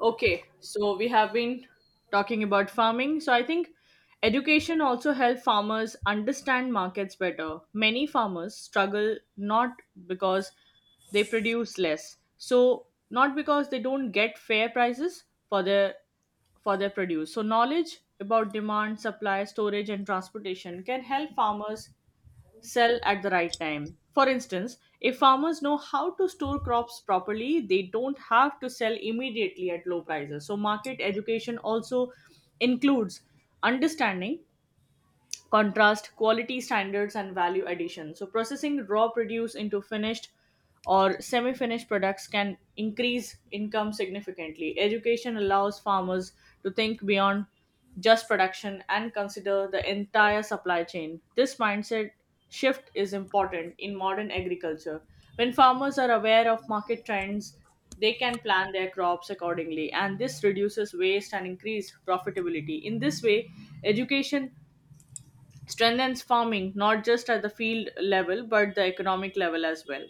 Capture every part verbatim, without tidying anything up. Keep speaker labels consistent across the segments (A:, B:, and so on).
A: Okay, so we have been talking about farming. So I think education also helps farmers understand markets better. Many farmers struggle not because they produce less. So not because they don't get fair prices for their for their produce. So knowledge about demand, supply, storage and transportation can help farmers sell at the right time. For instance, if farmers know how to store crops properly, they don't have to sell immediately at low prices. So, market education also includes understanding contrast, quality standards, and value addition. So, processing raw produce into finished or semi finished products can increase income significantly. Education allows farmers to think beyond just production and consider the entire supply chain. This mindset shift is important in modern agriculture. When farmers are aware of market trends, they can plan their crops accordingly, and this reduces waste and increase profitability. In this way, education strengthens farming not just at the field level but the economic level as well.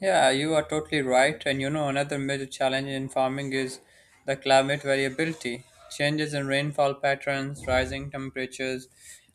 B: Yeah, you are totally right. And you know, another major challenge in farming is the climate variability. Changes in rainfall patterns, rising temperatures,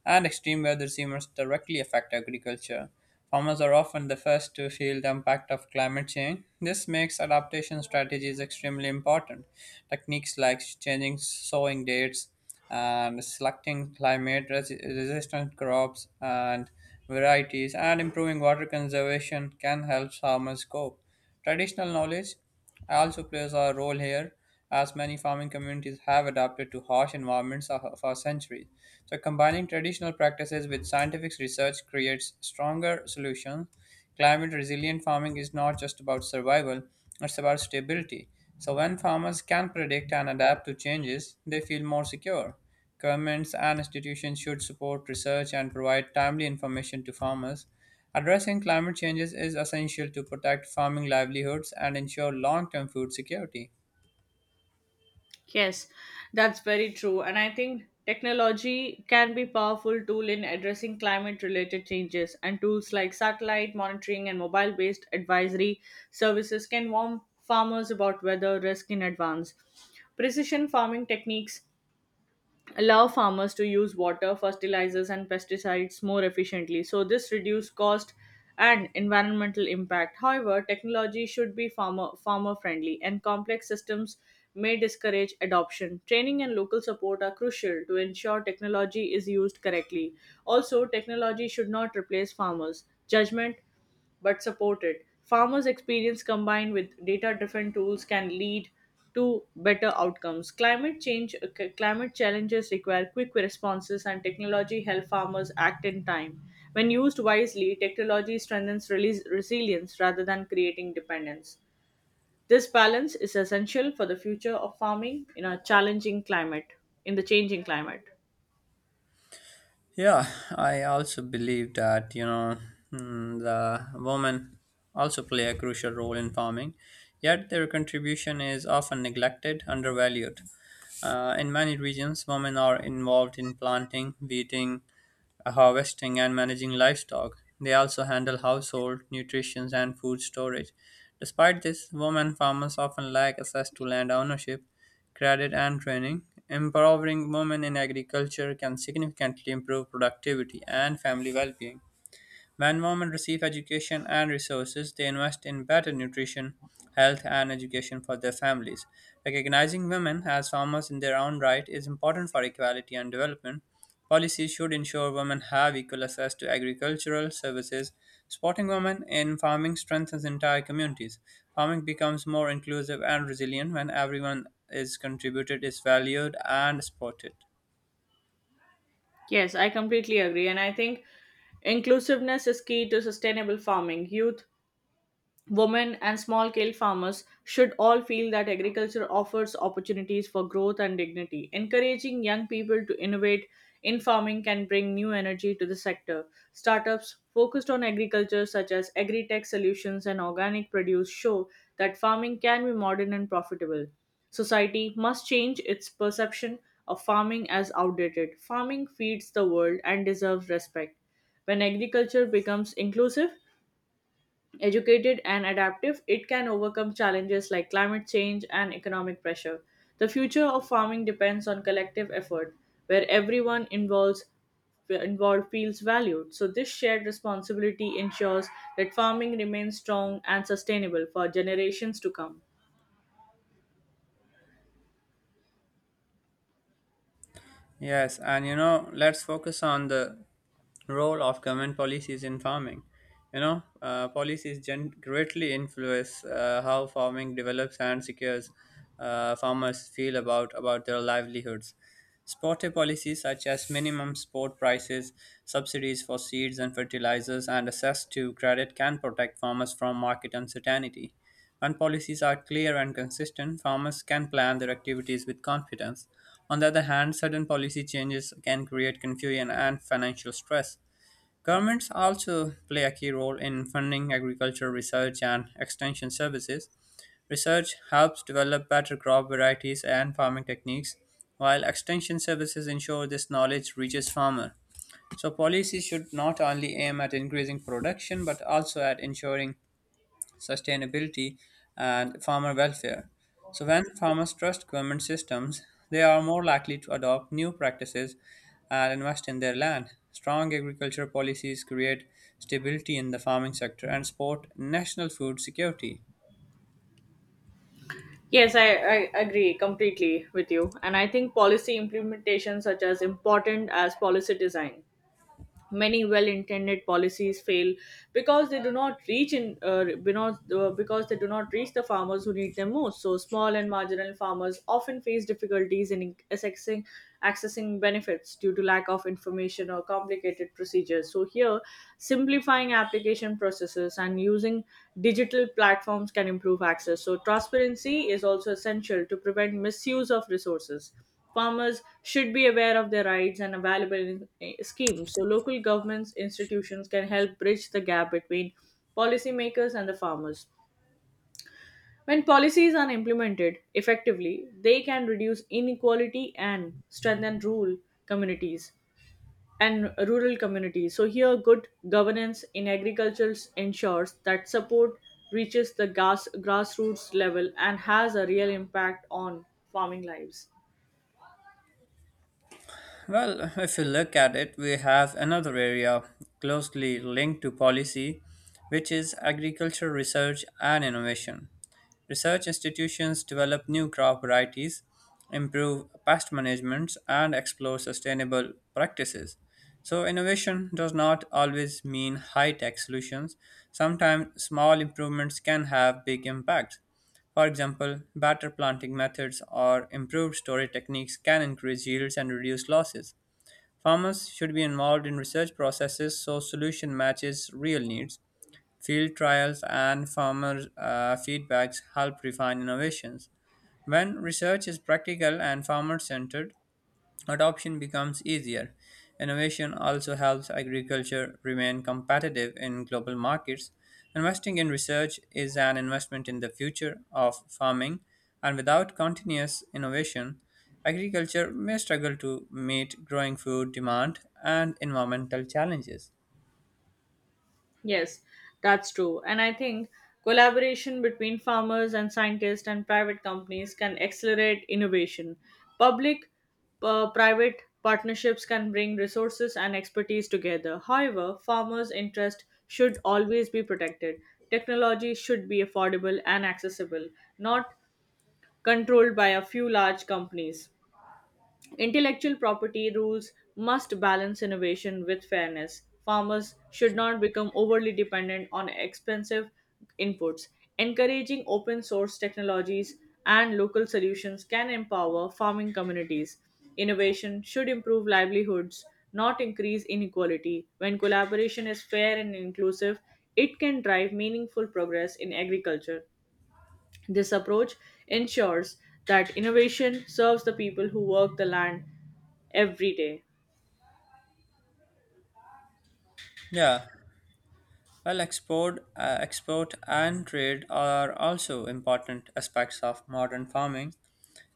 B: and extreme weather seasons directly affect agriculture. Farmers are often the first to feel the impact of climate change. This makes adaptation strategies extremely important. Techniques like changing sowing dates and selecting climate resi- resistant crops and varieties, and improving water conservation can help farmers cope. Traditional knowledge also plays a role here, as many farming communities have adapted to harsh environments for for centuries. So, combining traditional practices with scientific research creates stronger solutions. Climate resilient farming is not just about survival, it's about stability. So, when farmers can predict and adapt to changes, they feel more secure. Governments and institutions should support research and provide timely information to farmers. Addressing climate changes is essential to protect farming livelihoods and ensure long term food security.
A: Yes, that's very true, and I think technology can be powerful tool in addressing climate related changes, and tools like satellite monitoring and mobile based advisory services can warn farmers about weather risk in advance. Precision farming techniques allow farmers to use water, fertilizers, and pesticides more efficiently. So, this reduces cost and environmental impact. However, technology should be farmer, farmer friendly, and complex systems may discourage adoption. Training and local support are crucial to ensure technology is used correctly. Also, technology should not replace farmers. Judgment but supported. Farmers' experience combined with data-driven tools can lead to better outcomes. Climate change, uh, c- climate challenges require quick responses, and technology help farmers act in time. When used wisely, technology strengthens release, resilience rather than creating dependence. This balance is essential for the future of farming in a challenging climate, in the changing climate.
B: Yeah, I also believe that, you know, mm, the women also play a crucial role in farming, yet their contribution is often neglected, undervalued. Uh, in many regions, women are involved in planting, weeding, harvesting, and managing livestock. They also handle household nutrition and food storage. Despite this, women farmers often lack access to land ownership, credit, and training. Empowering women in agriculture can significantly improve productivity and family well being. When women receive education and resources, they invest in better nutrition, health, and education for their families. Recognizing women as farmers in their own right is important for equality and development. Policies should ensure women have equal access to agricultural services. Supporting women in farming strengthens entire communities. Farming becomes more inclusive and resilient when everyone is contributed, is valued, and supported.
A: Yes, I completely agree, and I think inclusiveness is key to sustainable farming. Youth, women and small scale farmers should all feel that agriculture offers opportunities for growth and dignity. Encouraging young people to innovate in farming can bring new energy to the sector. Startups focused on agriculture, such as agri-tech solutions and organic produce, show that farming can be modern and profitable. Society must change its perception of farming as outdated. Farming feeds the world and deserves respect. When agriculture becomes inclusive, educated and adaptive, it can overcome challenges like climate change and economic pressure. The future of farming depends on collective effort, where everyone involves involved feels valued. So this shared responsibility ensures that farming remains strong and sustainable for generations to come.
B: Yes, and you know, let's focus on the role of government policies in farming. You know, uh, policies gen- greatly influence uh, how farming develops and secures uh, farmers feel about about their livelihoods. Supportive policies such as minimum support prices, subsidies for seeds and fertilizers, and access to credit can protect farmers from market uncertainty. When policies are clear and consistent, farmers can plan their activities with confidence. On the other hand, sudden policy changes can create confusion and financial stress. Governments also play a key role in funding agricultural research and extension services. Research helps develop better crop varieties and farming techniques, while extension services ensure this knowledge reaches farmers. So policies should not only aim at increasing production but also at ensuring sustainability, and farmer welfare. So, when farmers trust government systems, they are more likely to adopt new practices and invest in their land. Strong agriculture policies create stability in the farming sector and support national food security.
A: Yes, I, I agree completely with you. And I think policy implementation such as important as policy design. Many well-intended policies fail because they do not reach in uh, because, uh, because they do not reach the farmers who need them most. So small and marginal farmers often face difficulties in accessing accessing benefits due to lack of information or complicated procedures. So here, simplifying application processes and using digital platforms can improve access. So transparency is also essential to prevent misuse of resources. Farmers should be aware of their rights and available in- eh, schemes. So local governments institutions can help bridge the gap between policymakers and the farmers. When policies are implemented effectively, they can reduce inequality and strengthen rural communities and rural communities. So here good governance in agriculture ensures that support reaches the grass, grassroots level and has a real impact on farming lives.
B: Well, if you look at it, we have another area closely linked to policy, which is agriculture research and innovation. Research institutions develop new crop varieties, improve pest management, and explore sustainable practices. So, innovation does not always mean high tech solutions. Sometimes small improvements can have big impacts. For example, better planting methods or improved storage techniques can increase yields and reduce losses. Farmers should be involved in research processes so solution matches real needs. Field trials and farmer uh, feedbacks help refine innovations. When research is practical and farmer centered, adoption becomes easier. Innovation also helps agriculture remain competitive in global markets. Investing in research is an investment in the future of farming, and without continuous innovation, agriculture may struggle to meet growing food demand and environmental challenges.
A: Yes, that's true. And I think collaboration between farmers and scientists and private companies can accelerate innovation. Public uh, private partnerships can bring resources and expertise together. However, farmers' interest should always be protected. Technology should be affordable and accessible, not controlled by a few large companies. Intellectual property rules must balance innovation with fairness. Farmers should not become overly dependent on expensive inputs. Encouraging open source technologies and local solutions can empower farming communities. Innovation should improve livelihoods, not increase inequality. When collaboration is fair and inclusive, it can drive meaningful progress in agriculture. This approach ensures that innovation serves the people who work the land every day.
B: Yeah, well, export, uh, export and trade are also important aspects of modern farming,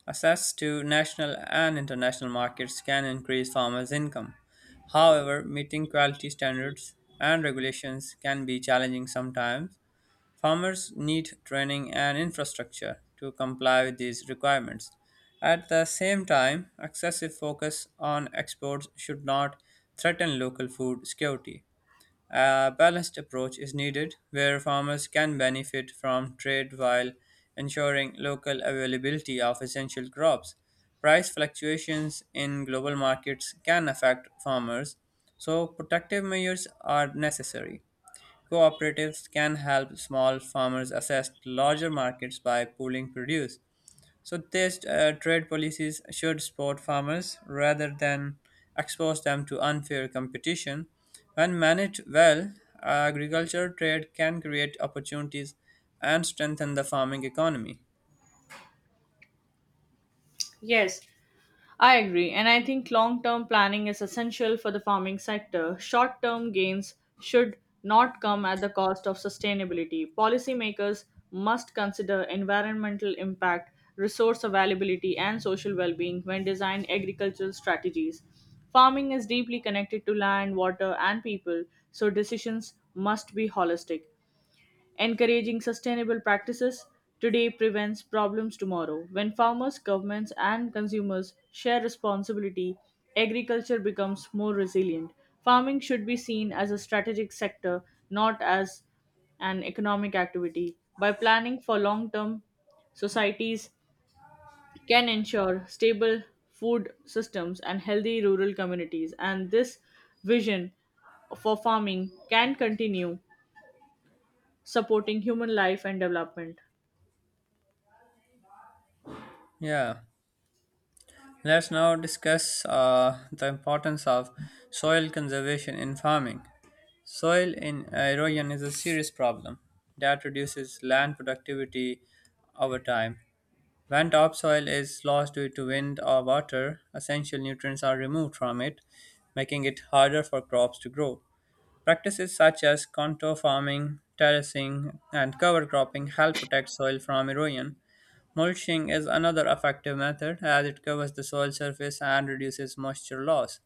B: access to national and international markets can increase farmers' income. However, meeting quality standards and regulations can be challenging sometimes. Farmers need training and infrastructure to comply with these requirements. At the same time, excessive focus on exports should not threaten local food security. A balanced approach is needed where farmers can benefit from trade while ensuring local availability of essential crops. Price fluctuations in global markets can affect farmers, so protective measures are necessary. Cooperatives can help small farmers access larger markets by pooling produce. So these uh, trade policies should support farmers rather than expose them to unfair competition. When managed well, agriculture trade can create opportunities and strengthen the farming economy.
A: Yes, I agree, and I think long term planning is essential for the farming sector. Short term gains should not come at the cost of sustainability. Policymakers must consider environmental impact, resource availability, and social well being when designing agricultural strategies. Farming is deeply connected to land, water, and people, so decisions must be holistic. Encouraging sustainable practices today prevents problems tomorrow. When farmers, governments, and consumers share responsibility, agriculture becomes more resilient. Farming should be seen as a strategic sector, not as an economic activity. By planning for long term, societies can ensure stable food systems and healthy rural communities, and this vision for farming can continue supporting human life and development.
B: Yeah, let's now discuss uh, the importance of soil conservation in farming. Soil in erosion is a serious problem that reduces land productivity over time. When topsoil is lost due to wind or water, essential nutrients are removed from it, making it harder for crops to grow. Practices such as contour farming, terracing, and cover cropping help protect soil from erosion. Mulching is another effective method as it covers the soil surface and reduces moisture loss.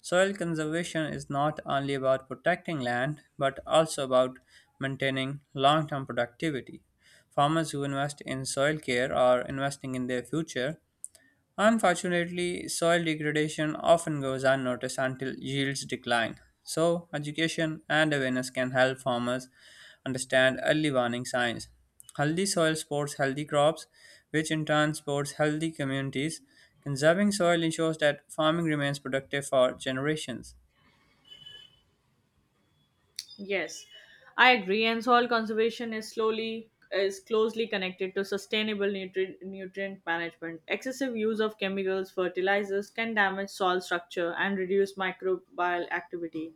B: Soil conservation is not only about protecting land but also about maintaining long term productivity. Farmers who invest in soil care are investing in their future. Unfortunately, soil degradation often goes unnoticed until yields decline. So, education and awareness can help farmers understand early warning signs. Healthy soil supports healthy crops, which in turn supports healthy communities. Conserving soil ensures that farming remains productive for generations.
A: Yes, I agree. And soil conservation is slowly is closely connected to sustainable nutrient nutrient management. Excessive use of chemicals, fertilizers can damage soil structure and reduce microbial activity.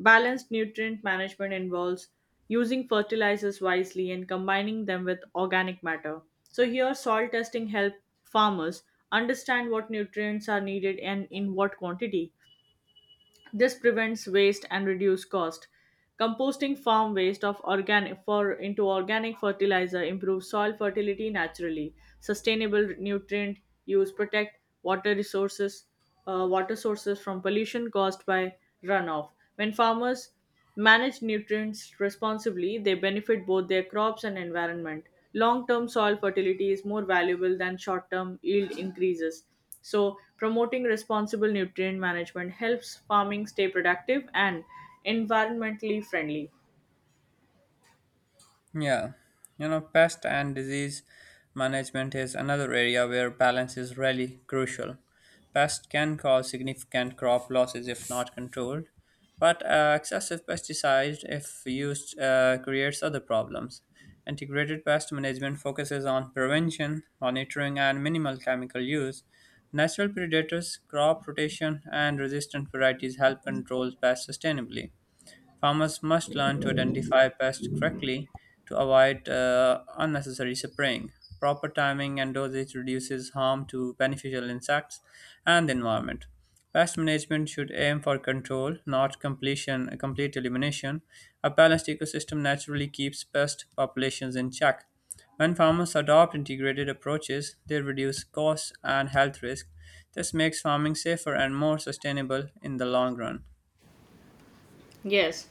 A: Balanced nutrient management involves using fertilizers wisely and combining them with organic matter. So here soil testing help farmers understand what nutrients are needed and in what quantity. This prevents waste and reduce cost. Composting farm waste of organic for into organic fertilizer improves soil fertility naturally. Sustainable nutrient use protect water resources, uh, water sources from pollution caused by runoff. When farmers managed nutrients responsibly, they benefit both their crops and environment. Long term soil fertility is more valuable than short term yield increases. So, promoting responsible nutrient management helps farming stay productive and environmentally friendly.
B: Yeah, you know, pest and disease management is another area where balance is really crucial. Pests can cause significant crop losses if not controlled, but uh, excessive pesticides, if used, uh, creates other problems. Integrated pest management focuses on prevention, monitoring, and minimal chemical use. Natural predators, crop rotation, and resistant varieties help control pests sustainably. Farmers must learn to identify pests correctly to avoid uh, unnecessary spraying. Proper timing and dosage reduces harm to beneficial insects and the environment. Pest management should aim for control, not completion, complete elimination. A balanced ecosystem naturally keeps pest populations in check. When farmers adopt integrated approaches, they reduce costs and health risk. This makes farming safer and more sustainable in the long run.
A: Yes,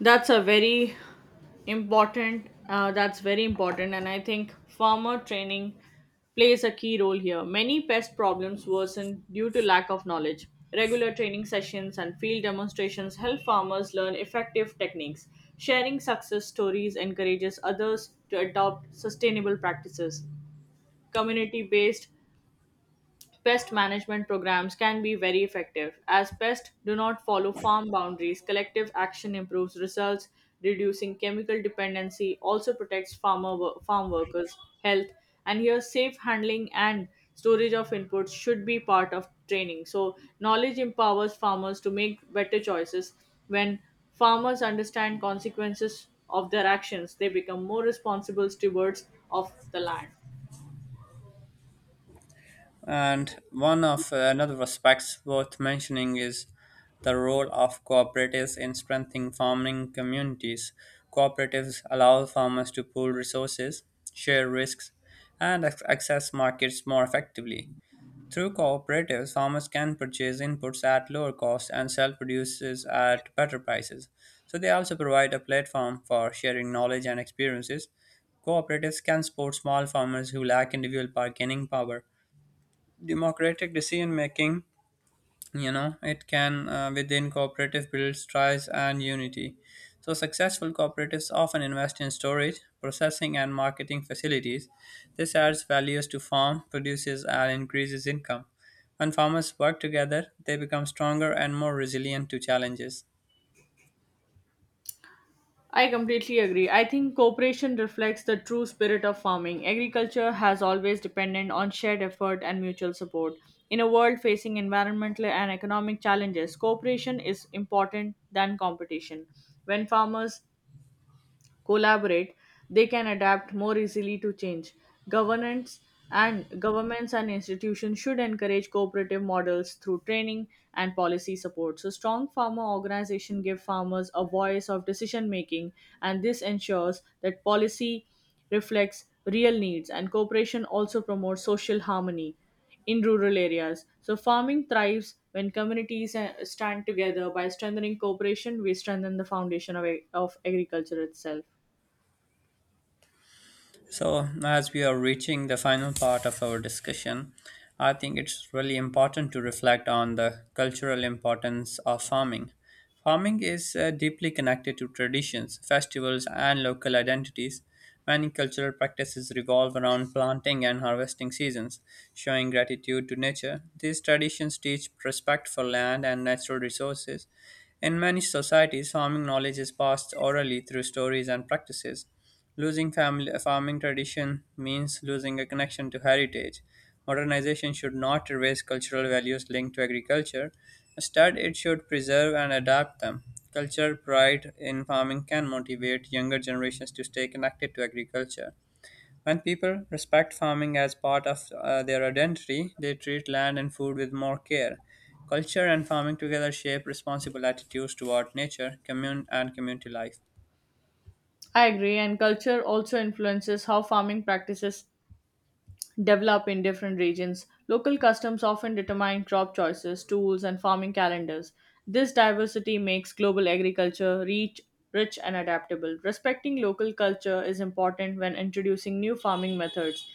A: that's a very important uh, that's very important, and I think farmer training plays a key role here. Many pest problems worsen due to lack of knowledge. Regular training sessions and field demonstrations help farmers learn effective techniques. Sharing success stories encourages others to adopt sustainable practices. Community based pest management programs can be very effective, as pests do not follow farm boundaries. Collective action improves results, reducing chemical dependency, also protects farmer wo- farm workers' health. And here, safe handling and storage of inputs should be part of training. So, knowledge empowers farmers to make better choices. When farmers understand consequences of their actions, they become more responsible stewards of the land.
B: And one of uh, another aspects worth mentioning is the role of cooperatives in strengthening farming communities. Cooperatives allow farmers to pool resources, share risks, and ac- access markets more effectively. Through cooperatives, farmers can purchase inputs at lower cost and sell produces at better prices. So they also provide a platform for sharing knowledge and experiences. Cooperatives can support small farmers who lack individual bargaining power. Democratic decision making, you know, it can, uh, within cooperative builds trust and unity. So successful cooperatives often invest in storage processing and marketing facilities. This adds values to farm produces and increases income. When farmers work together they become stronger and more resilient to challenges.
A: I completely agree. I think cooperation reflects the true spirit of farming. Agriculture has always depended on shared effort and mutual support. In a world facing environmental and economic challenges, cooperation is important than competition. When farmers collaborate, they can adapt more easily to change. Governance and governments and institutions should encourage cooperative models through training and policy support. So strong farmer organization give farmers a voice of decision making, and this ensures that policy reflects real needs, and cooperation also promotes social harmony in rural areas. So farming thrives when communities uh, stand together. By strengthening cooperation we strengthen the foundation of, ag- of agriculture itself.
B: So, as we are reaching the final part of our discussion, I think it's really important to reflect on the cultural importance of farming. Farming is uh, deeply connected to traditions, festivals, and local identities. Many cultural practices revolve around planting and harvesting seasons, showing gratitude to nature. These traditions teach respect for land and natural resources. In many societies, farming knowledge is passed orally through stories and practices. Losing family farming tradition means losing a connection to heritage. Modernization should not erase cultural values linked to agriculture. Instead, it should preserve and adapt them. Cultural pride in farming can motivate younger generations to stay connected to agriculture. When people respect farming as part of uh, their identity, they treat land and food with more care. Culture and farming together shape responsible attitudes toward nature, commune, and community life.
A: I agree, and culture also influences how farming practices develop in different regions. Local customs often determine crop choices, tools, and farming calendars. This diversity makes global agriculture rich, rich and adaptable. Respecting local culture is important when introducing new farming methods.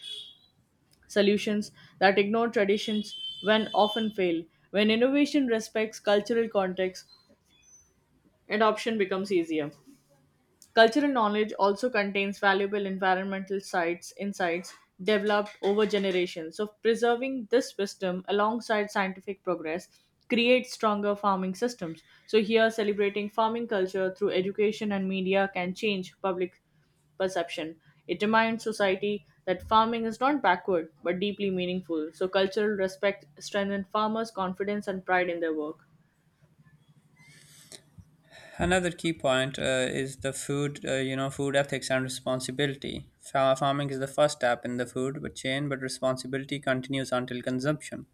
A: Solutions that ignore traditions when often fail. When innovation respects cultural context, adoption becomes easier. Cultural knowledge also contains valuable environmental sites insights developed over generations. So preserving this wisdom alongside scientific progress creates stronger farming systems. So here celebrating farming culture through education and media can change public perception. It reminds society that farming is not backward but deeply meaningful. So cultural respect strengthens farmers' confidence and pride in their work.
B: Another key point uh, is the food, uh, you know food ethics and responsibility. Fa- farming is the first step in the food chain, but responsibility continues until consumption.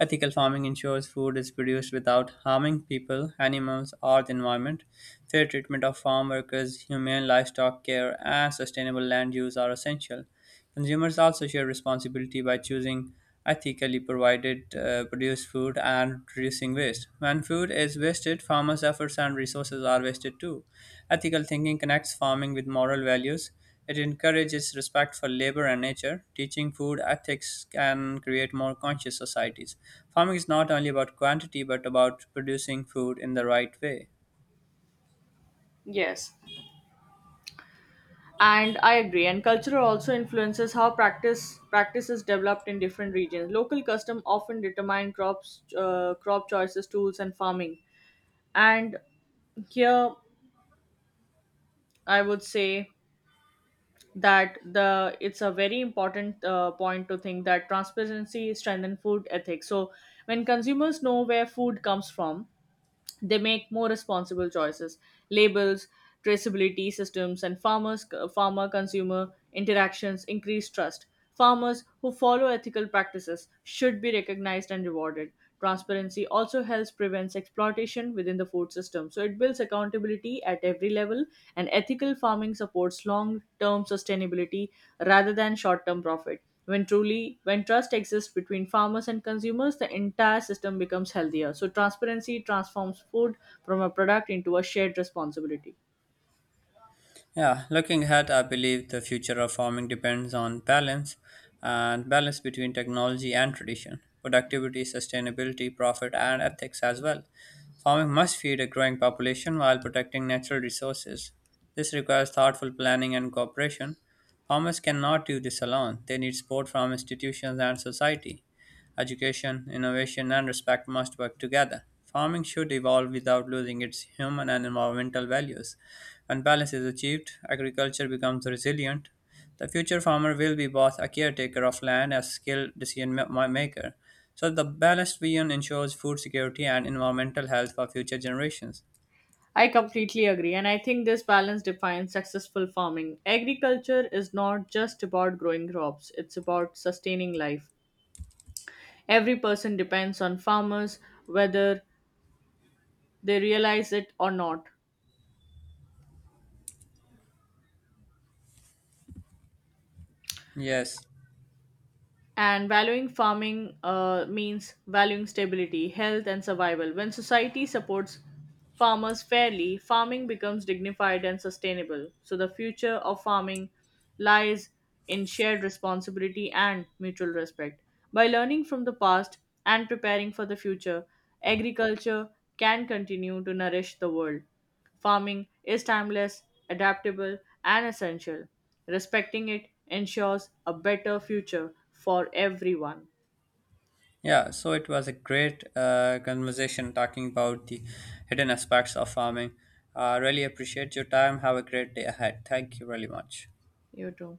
B: Ethical farming ensures food is produced without harming people, animals, or the environment. Fair treatment of farm workers, humane livestock care, and sustainable land use are essential. Consumers also share responsibility by choosing ethically provided uh, produced food and reducing waste. When food is wasted, farmers' efforts and resources are wasted too. Ethical thinking connects farming with moral values. It encourages respect for labor and nature. Teaching food ethics can create more conscious societies. Farming is not only about quantity but about producing food in the right way.
A: Yes, and I agree, and culture also influences how practice practice is developed in different regions. Local custom often determine crops, uh, crop choices, tools and farming. And here I would say that the it's a very important uh, point to think that transparency strengthens food ethics. So when consumers know where food comes from, they make more responsible choices. Labels, traceability systems, and farmers farmer consumer interactions increase trust. Farmers who follow ethical practices should be recognized and rewarded. Transparency also helps prevents exploitation within the food system. So it builds accountability at every level, and ethical farming supports long term sustainability rather than short term profit. When truly when trust exists between farmers and consumers, the entire system becomes healthier. So transparency transforms food from a product into a shared responsibility.
B: Yeah, looking ahead, I believe the future of farming depends on balance and balance between technology and tradition, productivity, sustainability, profit, and ethics as well. Farming must feed a growing population while protecting natural resources. This requires thoughtful planning and cooperation. Farmers cannot do this alone, they need support from institutions and society. Education, innovation, and respect must work together. Farming should evolve without losing its human and environmental values and balance is achieved, agriculture becomes resilient. The future farmer will be both a caretaker of land as a skilled decision ma- maker. So, the balanced vision ensures food security and environmental health for future generations.
A: I completely agree, and I think this balance defines successful farming. Agriculture is not just about growing crops, it's about sustaining life. Every person depends on farmers, whether they realize it or not.
B: Yes.
A: And valuing farming uh, means valuing stability, health, and survival. When society supports farmers fairly, farming becomes dignified and sustainable. So, the future of farming lies in shared responsibility and mutual respect. By learning from the past and preparing for the future, agriculture can continue to nourish the world. Farming is timeless, adaptable, and essential. Respecting it ensures a better future for everyone.
B: Yeah, so it was a great uh, conversation talking about the hidden aspects of farming. I really appreciate your time. Have a great day ahead. Thank you really much.
A: You too.